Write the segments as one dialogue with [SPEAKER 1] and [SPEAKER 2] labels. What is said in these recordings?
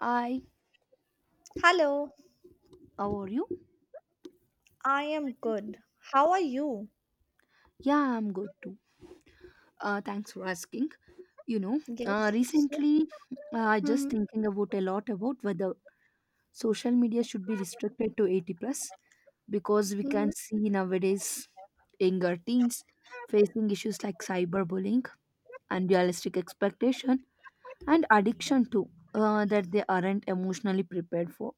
[SPEAKER 1] I,
[SPEAKER 2] Hello,
[SPEAKER 1] how are you?
[SPEAKER 2] I am good. How are you?
[SPEAKER 1] Yeah, I'm good too. Thanks for asking. You know,
[SPEAKER 2] Yes. So,
[SPEAKER 1] Recently, I just
[SPEAKER 2] Mhm,
[SPEAKER 1] thinking about a lot about whether social media should be restricted to 80 plus, because we can
[SPEAKER 2] mhm.
[SPEAKER 1] see nowadays younger teens facing issues like cyberbullying, unrealistic expectation, and addiction too, that they aren't emotionally prepared for.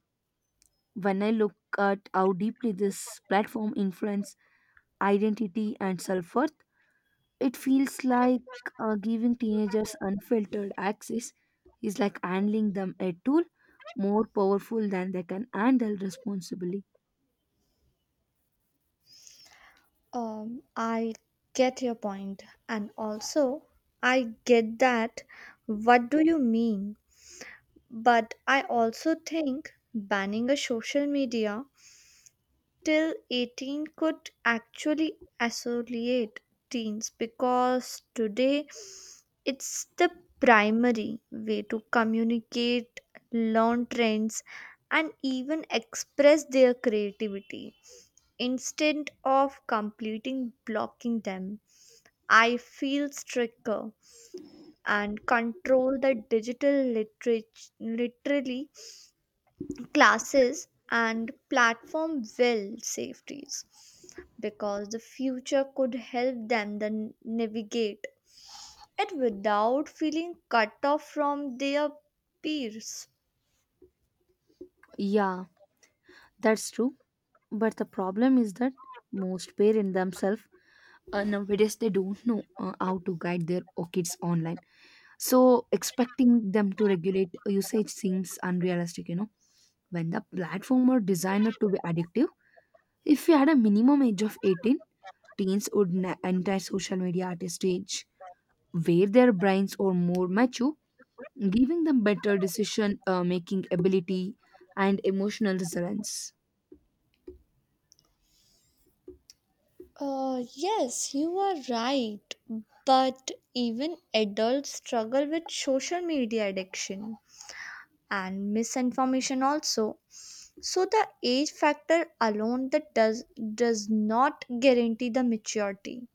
[SPEAKER 1] When I look at how deeply this platform influence identity and self worth, it feels like giving teenagers unfiltered access is like handling them a tool more powerful than they can handle responsibly.
[SPEAKER 2] I get your point, and also I get that. What do you mean? But I also think banning a social media till 18 could actually isolate teens because today it's the primary way to communicate, learn trends, and even express their creativity instead of completing blocking them. I feel stricter and control the digital literature literally classes and platform will safeties because the future could help them then navigate it without feeling cut off from their peers.
[SPEAKER 1] Yeah, that's true. But the problem is that most parents themselves, nowadays they don't know how to guide their kids online. So expecting them to regulate usage seems unrealistic. You know, when the platform were designed to be addictive, if we had a minimum age of 18, teens would enter social media at a stage where their brains are more mature, giving them better decision making ability and emotional resilience.
[SPEAKER 2] Yes, you are right. But even adults struggle with social media addiction and misinformation also. So the age factor alone that does not guarantee the maturity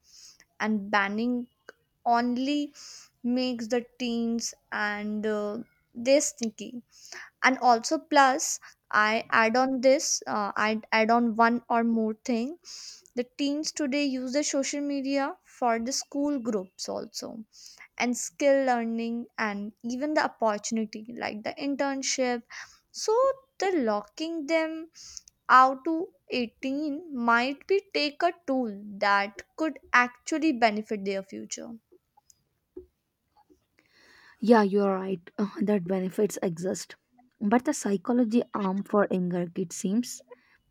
[SPEAKER 2] and banning only makes the teens and they sneaky, and also plus I add on one or more thing. The teens today use the social media for the school groups also and skill learning and even the opportunity like the internship, so the locking them out to 18 might be take a tool that could actually benefit their future.
[SPEAKER 1] Yeah, you're right, that benefits exist. But the psychology arm for younger kids seems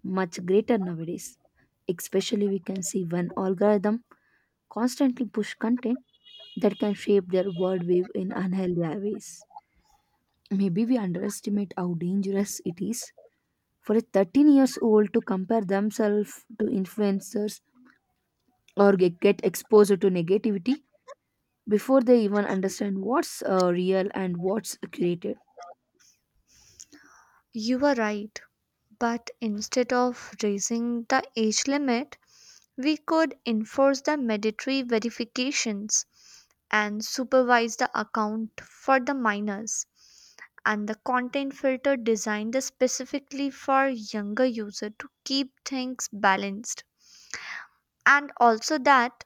[SPEAKER 1] much greater nowadays. Especially, we can see when algorithm constantly push content that can shape their worldview in unhealthy ways. Maybe we underestimate how dangerous it is for a 13 years old to compare themselves to influencers or get exposed to negativity before they even understand what's real and what's created.
[SPEAKER 2] You are right, but instead of raising the age limit, we could enforce the mandatory verifications and supervise the account for the minors and the content filter designed specifically for younger user to keep things balanced, and also that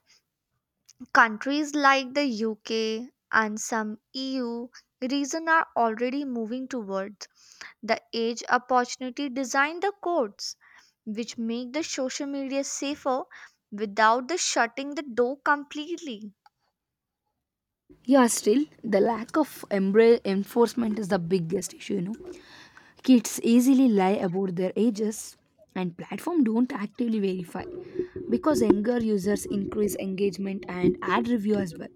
[SPEAKER 2] countries like the UK and some EU region are already moving towards the age opportunity designed the codes which make the social media safer without the shutting the door completely.
[SPEAKER 1] Yeah, still the lack of enforcement is the biggest issue, you know. Kids easily lie about their ages, and platform don't actively verify because younger users increase engagement and ad review as well.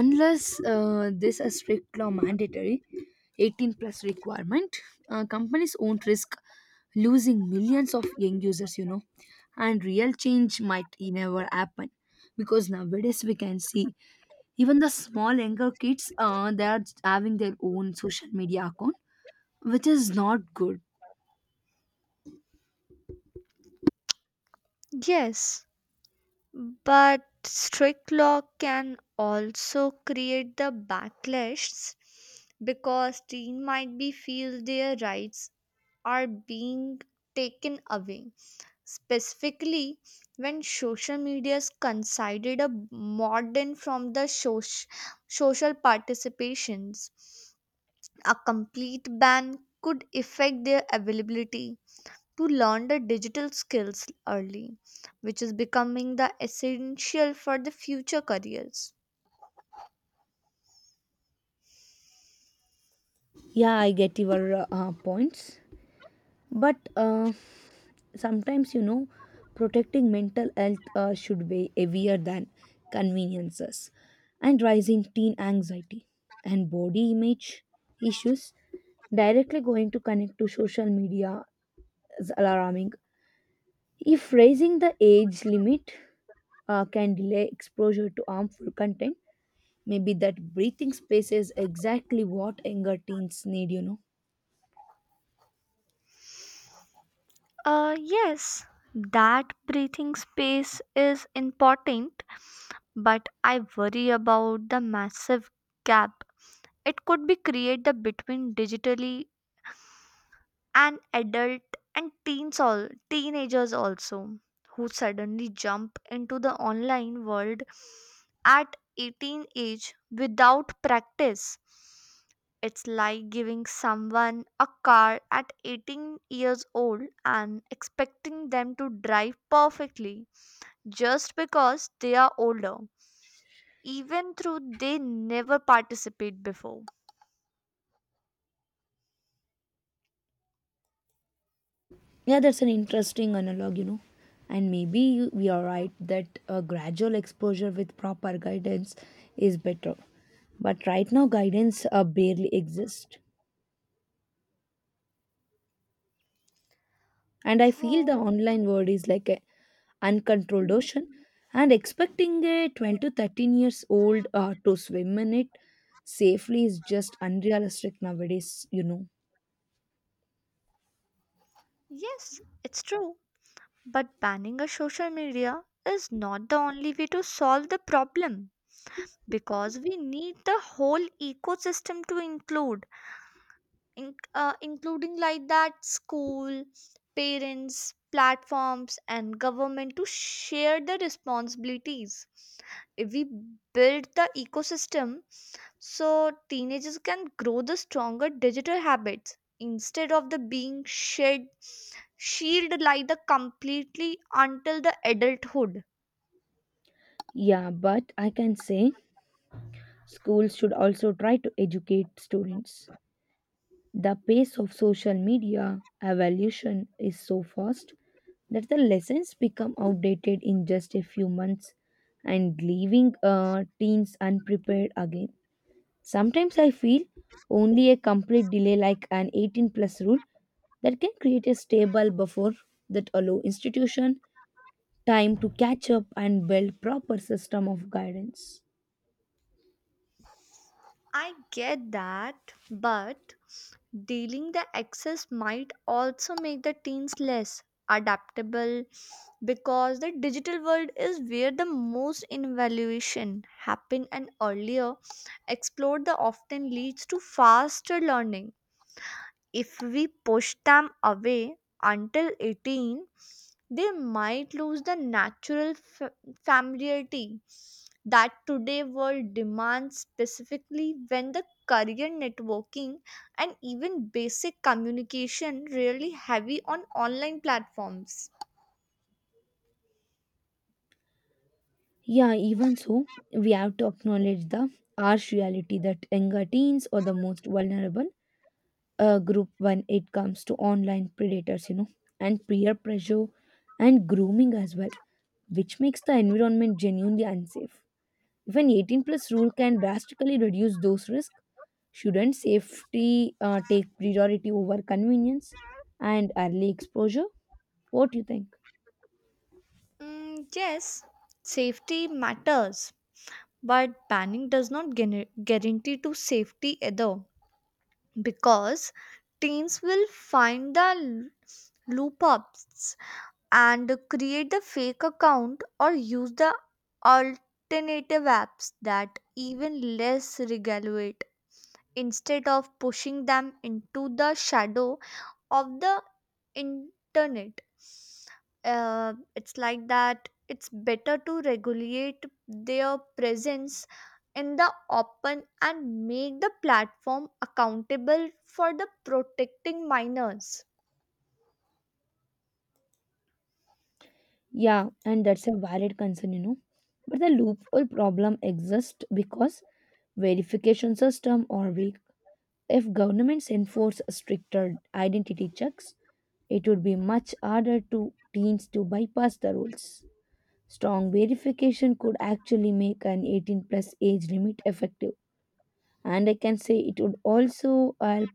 [SPEAKER 1] Unless this is strict law mandatory 18 plus requirement, companies won't risk losing millions of young users, you know, and real change might never happen, because nowadays we can see even the small younger kids, they are having their own social media account, which is not good.
[SPEAKER 2] Yes, but strict law can also create the backlash because teen might be feel their rights are being taken away specifically when social media's considered a modern from the social participations. A complete ban could affect their availability to learn the digital skills early, which is becoming the essential for the future careers.
[SPEAKER 1] Yeah, I get your points, but. Sometimes, you know, protecting mental health should weigh heavier than conveniences, and rising teen anxiety and body image issues directly going to connect to social media is alarming. If raising the age limit can delay exposure to harmful content, maybe that breathing space is exactly what younger teens need, you know.
[SPEAKER 2] Yes, that breathing space is important, but I worry about the massive gap it could be created between digitally and adult and teens all teenagers also who suddenly jump into the online world at 18 age without practice. It's like giving someone a car at 18 years old and expecting them to drive perfectly just because they are older, even though they never participate before.
[SPEAKER 1] Yeah, that's an interesting analog, you know. And maybe we are right that a gradual exposure with proper guidance is better. But right now, guidance barely exists. And I feel the
[SPEAKER 2] Oh.
[SPEAKER 1] online world is like an uncontrolled ocean, and expecting a 12 to 13 years old, to swim in it safely is just unrealistic nowadays, you know.
[SPEAKER 2] Yes, it's true. But banning a social media is not the only way to solve the problem because we need the whole ecosystem to include, including like that school, parents, platforms and government to share the responsibilities. If we build the ecosystem so teenagers can grow the stronger digital habits instead of the being shed shielded like the completely until the adulthood.
[SPEAKER 1] Yeah, but I can say schools should also try to educate students. The pace of social media evolution is so fast that the lessons become outdated in just a few months, and leaving teens unprepared again. Sometimes I feel only a complete delay like an 18 plus rule that can create a stable buffer that allow institution time to catch up and build proper system of guidance.
[SPEAKER 2] I get that, but dealing the excess might also make the teens less adaptable because the digital world is where the most invaluation happen, and earlier explored the often leads to faster learning. If we push them away until 18, they might lose the natural familiarity that today world demands, specifically when the career networking and even basic communication really heavy on online platforms.
[SPEAKER 1] Yeah, even so, we have to acknowledge the harsh reality that younger teens are the most vulnerable group when it comes to online predators, you know, and peer pressure and grooming as well, which makes the environment genuinely unsafe. If an 18 plus rule can drastically reduce those risks, shouldn't safety take priority over convenience and early exposure? What do you think?
[SPEAKER 2] Mm, yes, safety matters, but banning does not guarantee to safety either, because teens will find the loop ups and create the fake account or use the alternative apps that even less regulate. Instead of pushing them into the shadow of the internet, it's like that it's better to regulate their presence in the open and make the platform accountable for the protecting minors.
[SPEAKER 1] Yeah, and that's a valid concern, you know. But the loophole problem exists because verification system are weak. If governments enforce stricter identity checks, it would be much harder to teens to bypass the rules. Strong verification could actually make an 18 plus age limit effective. And I can say it would also help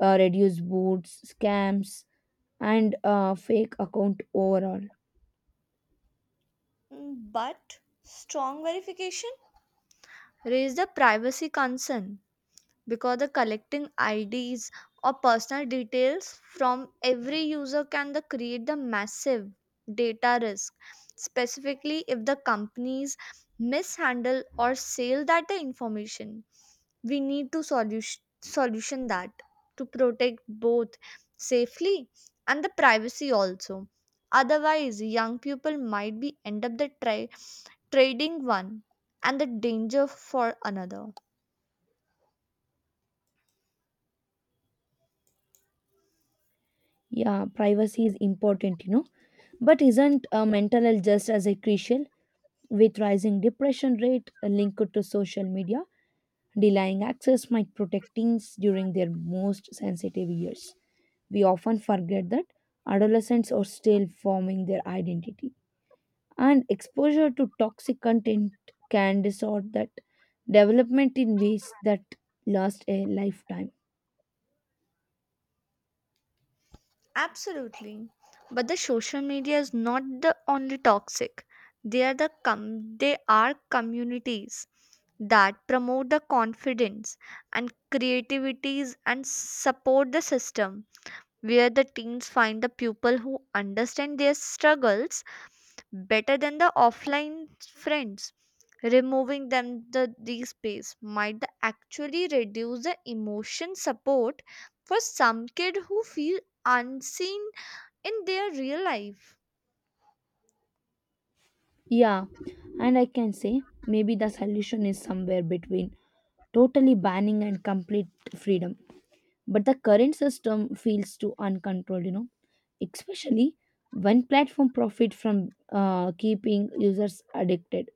[SPEAKER 1] reduce boots, scams, and fake account overall.
[SPEAKER 2] Mm, but strong verification raise the privacy concern, because the collecting IDs or personal details from every user can the create the massive data risk, specifically if the companies mishandle or sell that the information. We need to solution, solution that to protect both safely and the privacy also, otherwise young people might be end up the trading one and the danger for another.
[SPEAKER 1] Yeah, privacy is important, you know. But isn't mental health just as a crucial? With rising depression rate linked to social media, denying access might protect teens during their most sensitive years. We often forget that adolescents are still forming their identity, and exposure to toxic content can distort that development in ways that last a lifetime.
[SPEAKER 2] Absolutely. But the social media is not the only toxic. They are communities that promote the confidence and creativities and support the system where the teens find the people who understand their struggles better than the offline friends. Removing them the these space might actually reduce the emotion support for some kid who feel unseen in their real life.
[SPEAKER 1] Yeah, and I can say maybe the solution is somewhere between totally banning and complete freedom. But the current system feels too uncontrolled, you know, especially when platform profit from keeping users addicted.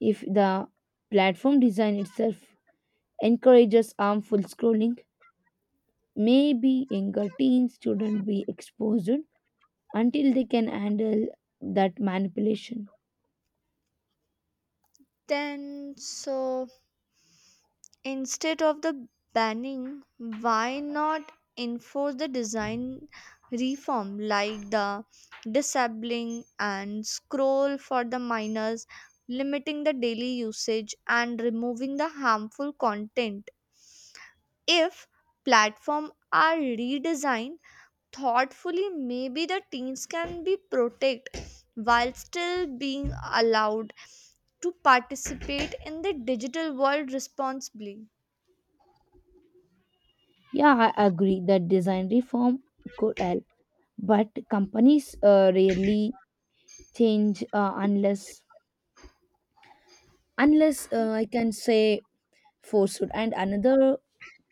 [SPEAKER 1] If the platform design itself encourages harmful scrolling, maybe younger teens shouldn't be exposed until they can handle that manipulation.
[SPEAKER 2] Then so instead of the banning, why not enforce the design reform like the disabling and scroll for the minors, limiting the daily usage and removing the harmful content? If platform are redesigned thoughtfully, maybe the teens can be protected while still being allowed to participate in the digital world responsibly.
[SPEAKER 1] Yeah, I agree that design reform could help, but companies rarely change, unless I can say forced. And another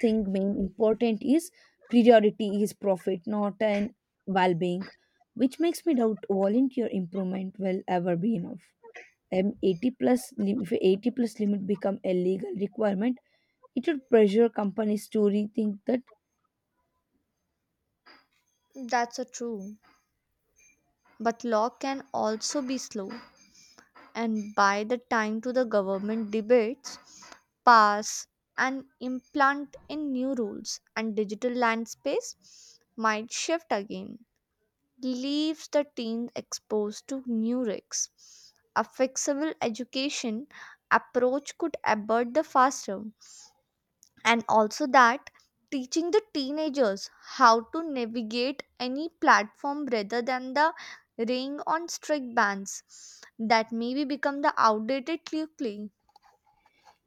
[SPEAKER 1] thing being important is priority is profit, not an well-being, which makes me doubt volunteer improvement will ever be enough. 80 plus if 80 plus limit become a legal requirement, it would pressure companies to rethink that.
[SPEAKER 2] That's a true. But law can also be slow, and by the time to the government debates, pass and implant in new rules, and digital land space might shift again, leaves the teens exposed to new risks. A flexible education approach could abort the faster, and also that teaching the teenagers how to navigate any platform rather than the relying on strict bans that maybe become the outdated quickly.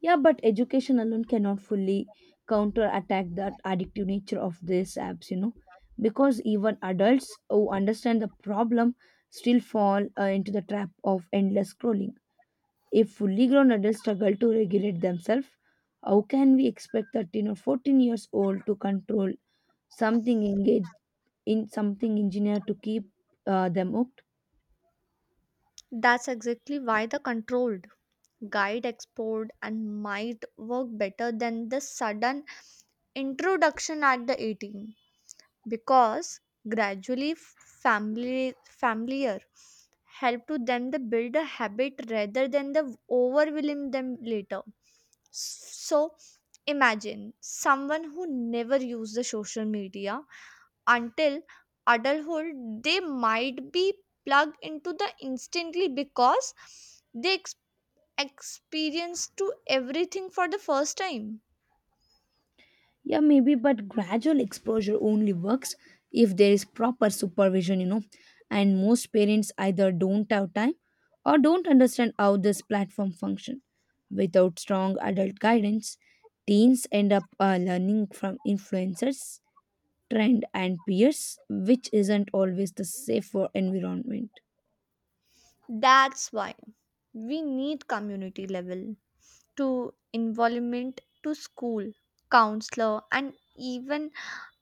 [SPEAKER 1] Yeah, but education alone cannot fully counterattack that addictive nature of these apps, you know, because even adults who understand the problem still fall into the trap of endless scrolling. If fully grown adults struggle to regulate themselves, how can we expect 13 or 14 years old to control something engaged in something engineered to keep them.
[SPEAKER 2] That's exactly why the controlled guide export and might work better than the sudden introduction at the 18, because gradually family familiar help to them to build a habit rather than the overwhelming them later. So imagine someone who never used the social media until adulthood. They might be plugged into the instantly because they experience to everything for the first time.
[SPEAKER 1] Yeah, maybe, but gradual exposure only works if there is proper supervision, you know. And most parents either don't have time or don't understand how this platform function. Without strong adult guidance, teens end up learning from influencers, trend, and peers, which isn't always the safer environment.
[SPEAKER 2] That's why we need community level to involvement to school, counselor, and even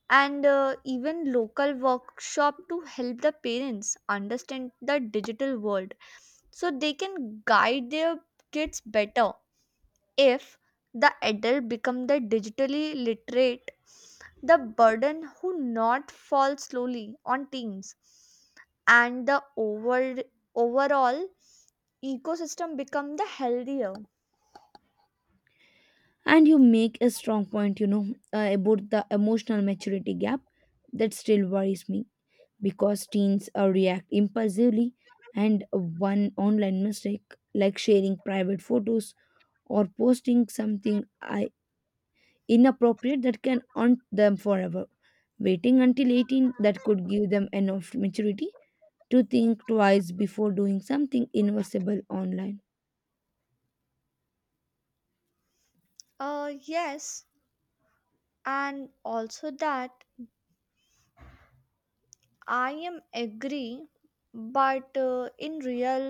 [SPEAKER 2] and uh, even local workshop to help the parents understand the digital world so they can guide their kids better. If the adult become the digitally literate, the burden who not fall slowly on teens, and the overall ecosystem become the healthier.
[SPEAKER 1] And you make a strong point, you know, about the emotional maturity gap that still worries me, because teens react impulsively, and one online mistake like sharing private photos or posting something inappropriate that can haunt them forever. Waiting until 18, that could give them enough maturity to think twice before doing something irreversible online.
[SPEAKER 2] Yes, and also that I am agree, but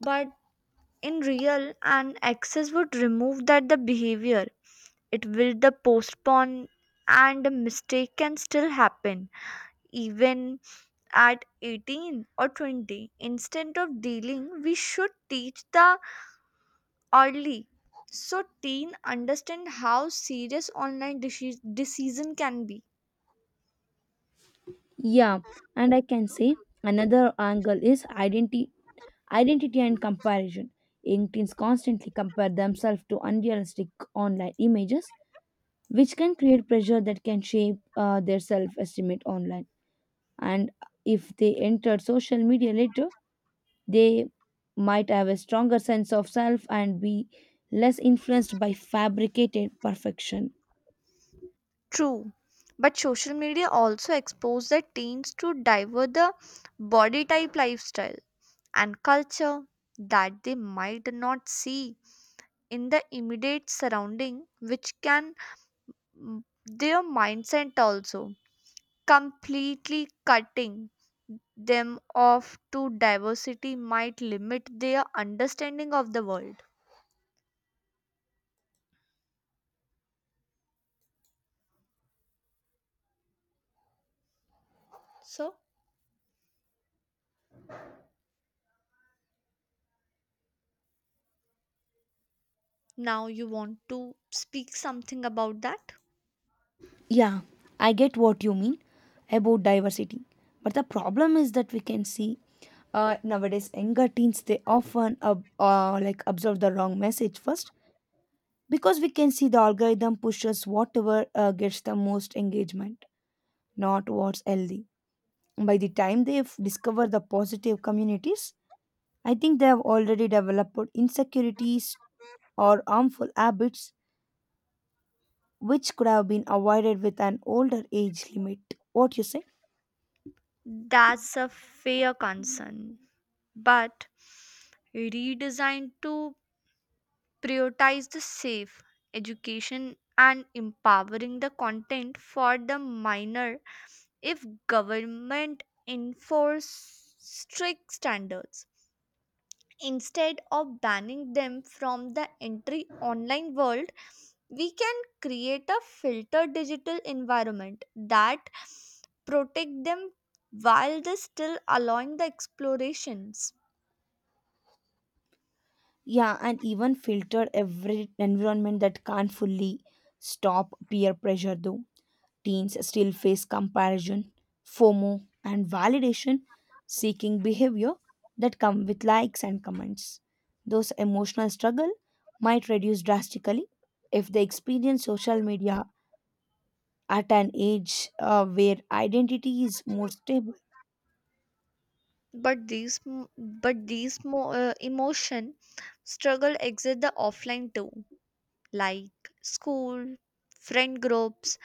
[SPEAKER 2] but in real and access would remove that the behavior. It will the postpone, and the mistake can still happen even at 18 or 20. Instead of dealing, we should teach the early so teen understand how serious online decision can be.
[SPEAKER 1] Yeah, and I can say another angle is identity and comparison. Young teens constantly compare themselves to unrealistic online images, which can create pressure that can shape their self estimate online. And if they enter social media later, they might have a stronger sense of self and be less influenced by fabricated perfection.
[SPEAKER 2] True. But social media also expose the teens to diver the body type lifestyle and culture that they might not see in the immediate surrounding, which can their mindset also. Completely cutting them off to diversity might limit their understanding of the world. So, now you want to speak something about that?
[SPEAKER 1] Yeah, I get what you mean about diversity. But the problem is that we can see, nowadays younger teens they often like absorb the wrong message first, because we can see the algorithm pushes whatever gets the most engagement, not what's healthy. By the time they've discovered the positive communities, I think they have already developed insecurities or harmful habits, which could have been avoided with an older age limit. What you say?
[SPEAKER 2] That's a fair concern, but redesigned to prioritize the safe education and empowering the content for the minor. If government enforce strict standards instead of banning them from the entry online world, we can create a filtered digital environment that protect them while they still allowing the explorations.
[SPEAKER 1] Yeah, and even filter every environment that can't fully stop peer pressure though. Teens still face comparison, FOMO, and validation seeking behavior that come with likes and comments. Those emotional struggle might reduce drastically if they experience social media at an age, where identity is more stable.
[SPEAKER 2] But these m- but these mo- uh, emotion struggle exit the offline too, like school friend groups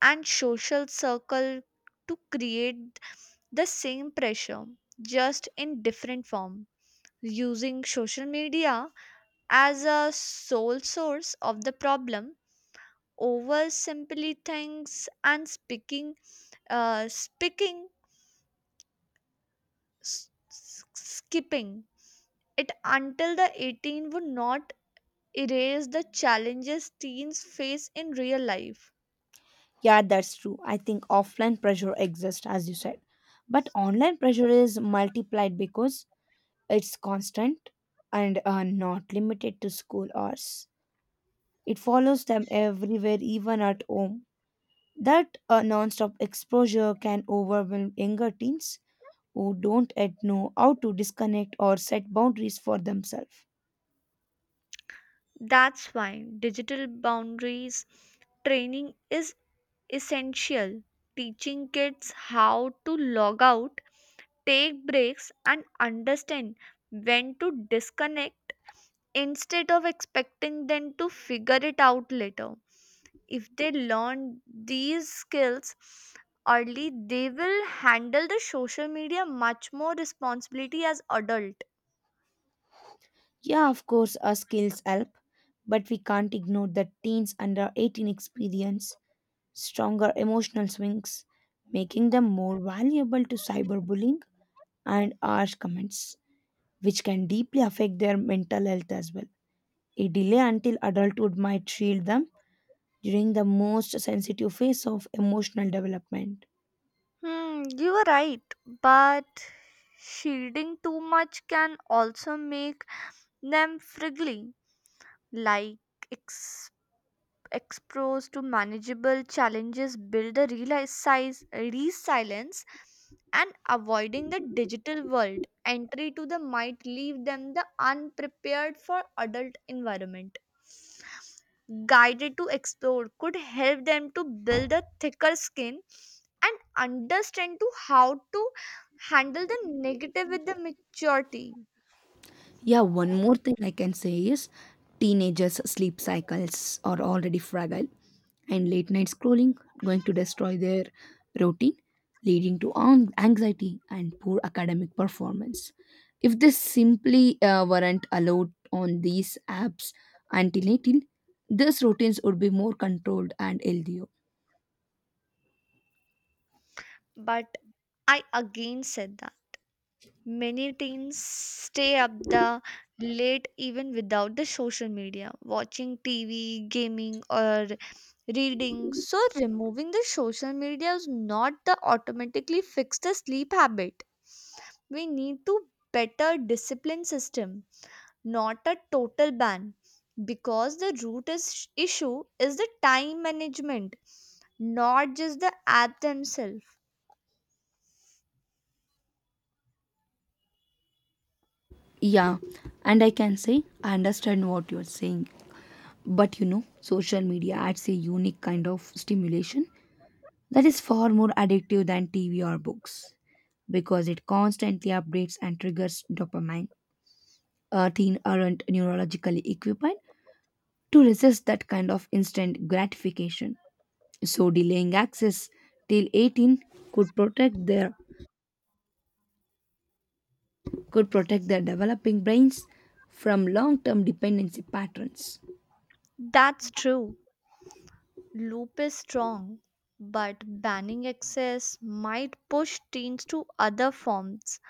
[SPEAKER 2] and social circle to create the same pressure just in different form. Using social media as a sole source of the problem over simply things and speaking skipping it until the 18 would not erase the challenges teens face in real life.
[SPEAKER 1] Yeah, that's true. I think offline pressure exists, as you said. But online pressure is multiplied because it's constant, and not limited to school hours. It follows them everywhere, even at home. That, non-stop exposure can overwhelm younger teens who don't yet know how to disconnect or set boundaries for themselves.
[SPEAKER 2] That's why digital boundaries training is essential, teaching kids how to log out, take breaks and understand when to disconnect, instead of expecting them to figure it out later. If they learn these skills early, they will handle the social media much more responsibility as adult.
[SPEAKER 1] Yeah, of course, our skills help, but we can't ignore that teens under 18 experience stronger emotional swings, making them more valuable to cyberbullying and harsh comments, which can deeply affect their mental health as well. A delay until adulthood might shield them during the most sensitive phase of emotional development.
[SPEAKER 2] Hmm, you are right, but shielding too much can also make them friendly. Like exposed to manageable challenges build a real size resilience, and avoiding the digital world entry to the might leave them the unprepared for adult environment. Guided to explore could help them to build a thicker skin and understand to how to handle the negative with the maturity.
[SPEAKER 1] Yeah, one more thing I can say is teenagers' sleep cycles are already fragile, and late night scrolling going to destroy their routine, leading to anxiety and poor academic performance. If they simply weren't allowed on these apps until 18, these routines would be more controlled and healthier.
[SPEAKER 2] But I again said that many teens stay up the late even without the social media, watching TV, gaming or reading. So removing the social media is not the automatically fix the sleep habit. We need to better discipline system, not a total ban, because the root is issue is the time management, not just the app themselves.
[SPEAKER 1] Yeah, and I can say I understand what you're saying. But you know, social media adds a unique kind of stimulation that is far more addictive than TV or books because it constantly updates and triggers dopamine. Our teen aren't neurologically equipped to resist that kind of instant gratification. So delaying access till 18 could protect their could protect their developing brains from long-term dependency patterns.
[SPEAKER 2] That's true. Loop is strong, but banning excess might push teens to other forms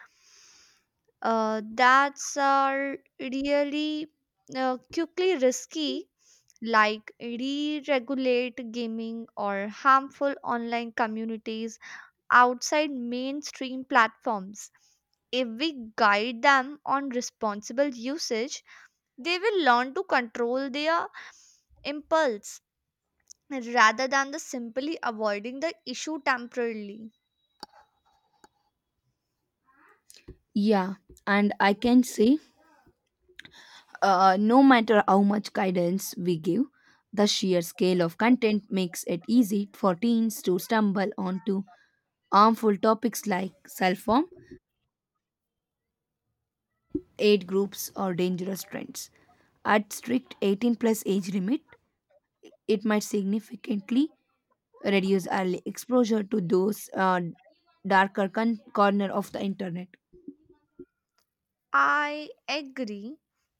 [SPEAKER 2] that are really quickly risky, like re-regulate gaming or harmful online communities outside mainstream platforms. If we guide them on responsible usage, they will learn to control their impulse rather than the simply avoiding the issue temporarily.
[SPEAKER 1] Yeah, and I can say, no matter how much guidance we give, the sheer scale of content makes it easy for teens to stumble onto harmful topics like self harm, aid groups, or dangerous trends. At strict 18 plus age limit, it might significantly reduce early exposure to those, darker corner of the internet.
[SPEAKER 2] I agree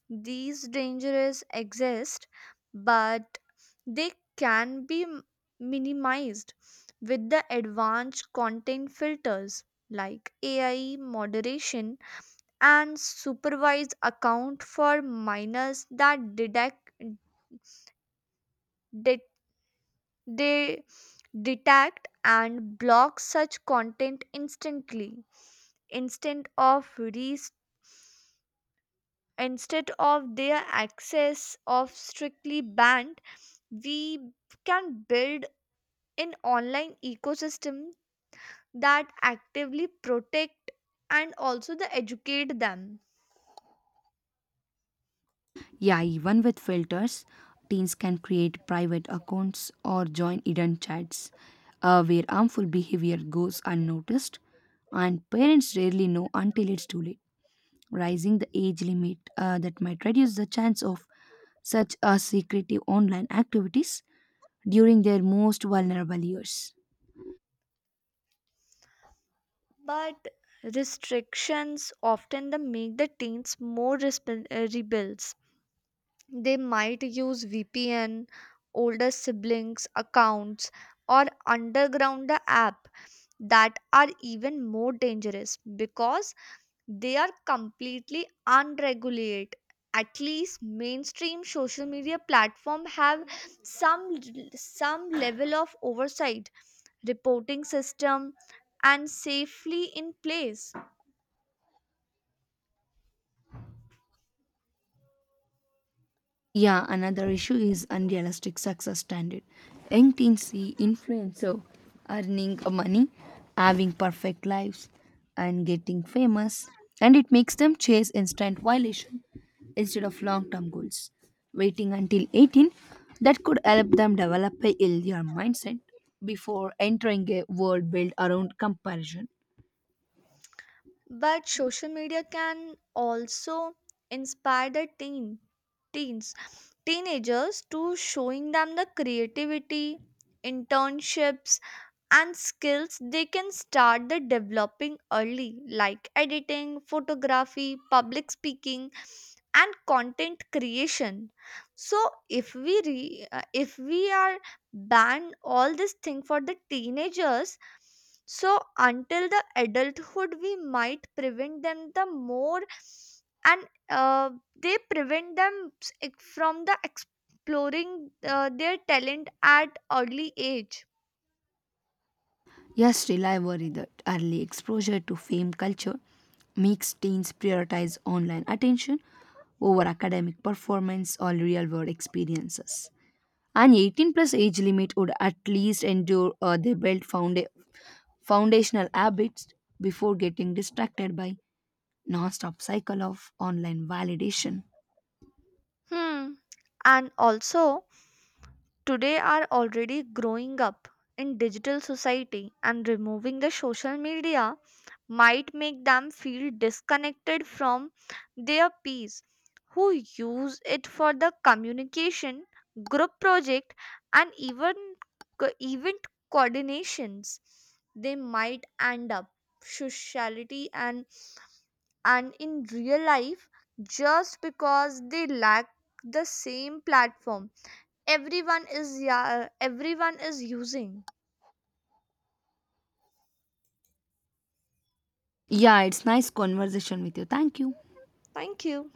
[SPEAKER 2] these dangers exist, but they can be minimized with the advanced content filters like AI moderation and supervised account for minors that detect, det- they detect and block such content instantly. instead of res- Instead of their access of strictly banned, we can build an online ecosystem that actively protect and also the educate them.
[SPEAKER 1] Yeah, even with filters, teens can create private accounts or join hidden chats, where harmful behavior goes unnoticed, and parents rarely know until it's too late. Raising the age limit, that might reduce the chance of such, secretive online activities during their most vulnerable years.
[SPEAKER 2] But restrictions often the make the teens more rebels. They might use VPN, older siblings' accounts, or underground the app that are even more dangerous because they are completely unregulated. At least mainstream social media platform have some some level of oversight, reporting system, and safely in place.
[SPEAKER 1] Yeah, another issue is unrealistic success standard. Young teens see influencer earning money, having perfect lives, and getting famous, and it makes them chase instant violation instead of long-term goals. Waiting until 18, that could help them develop a healthier mindset before entering a world built around comparison.
[SPEAKER 2] But social media can also inspire the teens, teenagers to showing them the creativity, internships, and skills they can start the developing early, like editing, photography, public speaking and content creation. So if we are ban all this thing for the teenagers so until the adulthood, we might prevent them the more, and uh, they prevent them from the exploring their talent at early age.
[SPEAKER 1] Yes, still I worry that early exposure to fame culture makes teens prioritize online attention over academic performance or real world experiences. An 18 plus age limit would at least endure, they build foundational habits before getting distracted by non-stop cycle of online validation.
[SPEAKER 2] Hmm. And also, today are already growing up in digital society, and removing the social media might make them feel disconnected from their peers who use it for the communication, group project, and even event coordinations. They might end up sociality and in real life just because they lack the same platform everyone is, yeah, everyone is using.
[SPEAKER 1] Yeah, it's nice conversation with you. Thank you.
[SPEAKER 2] Thank you.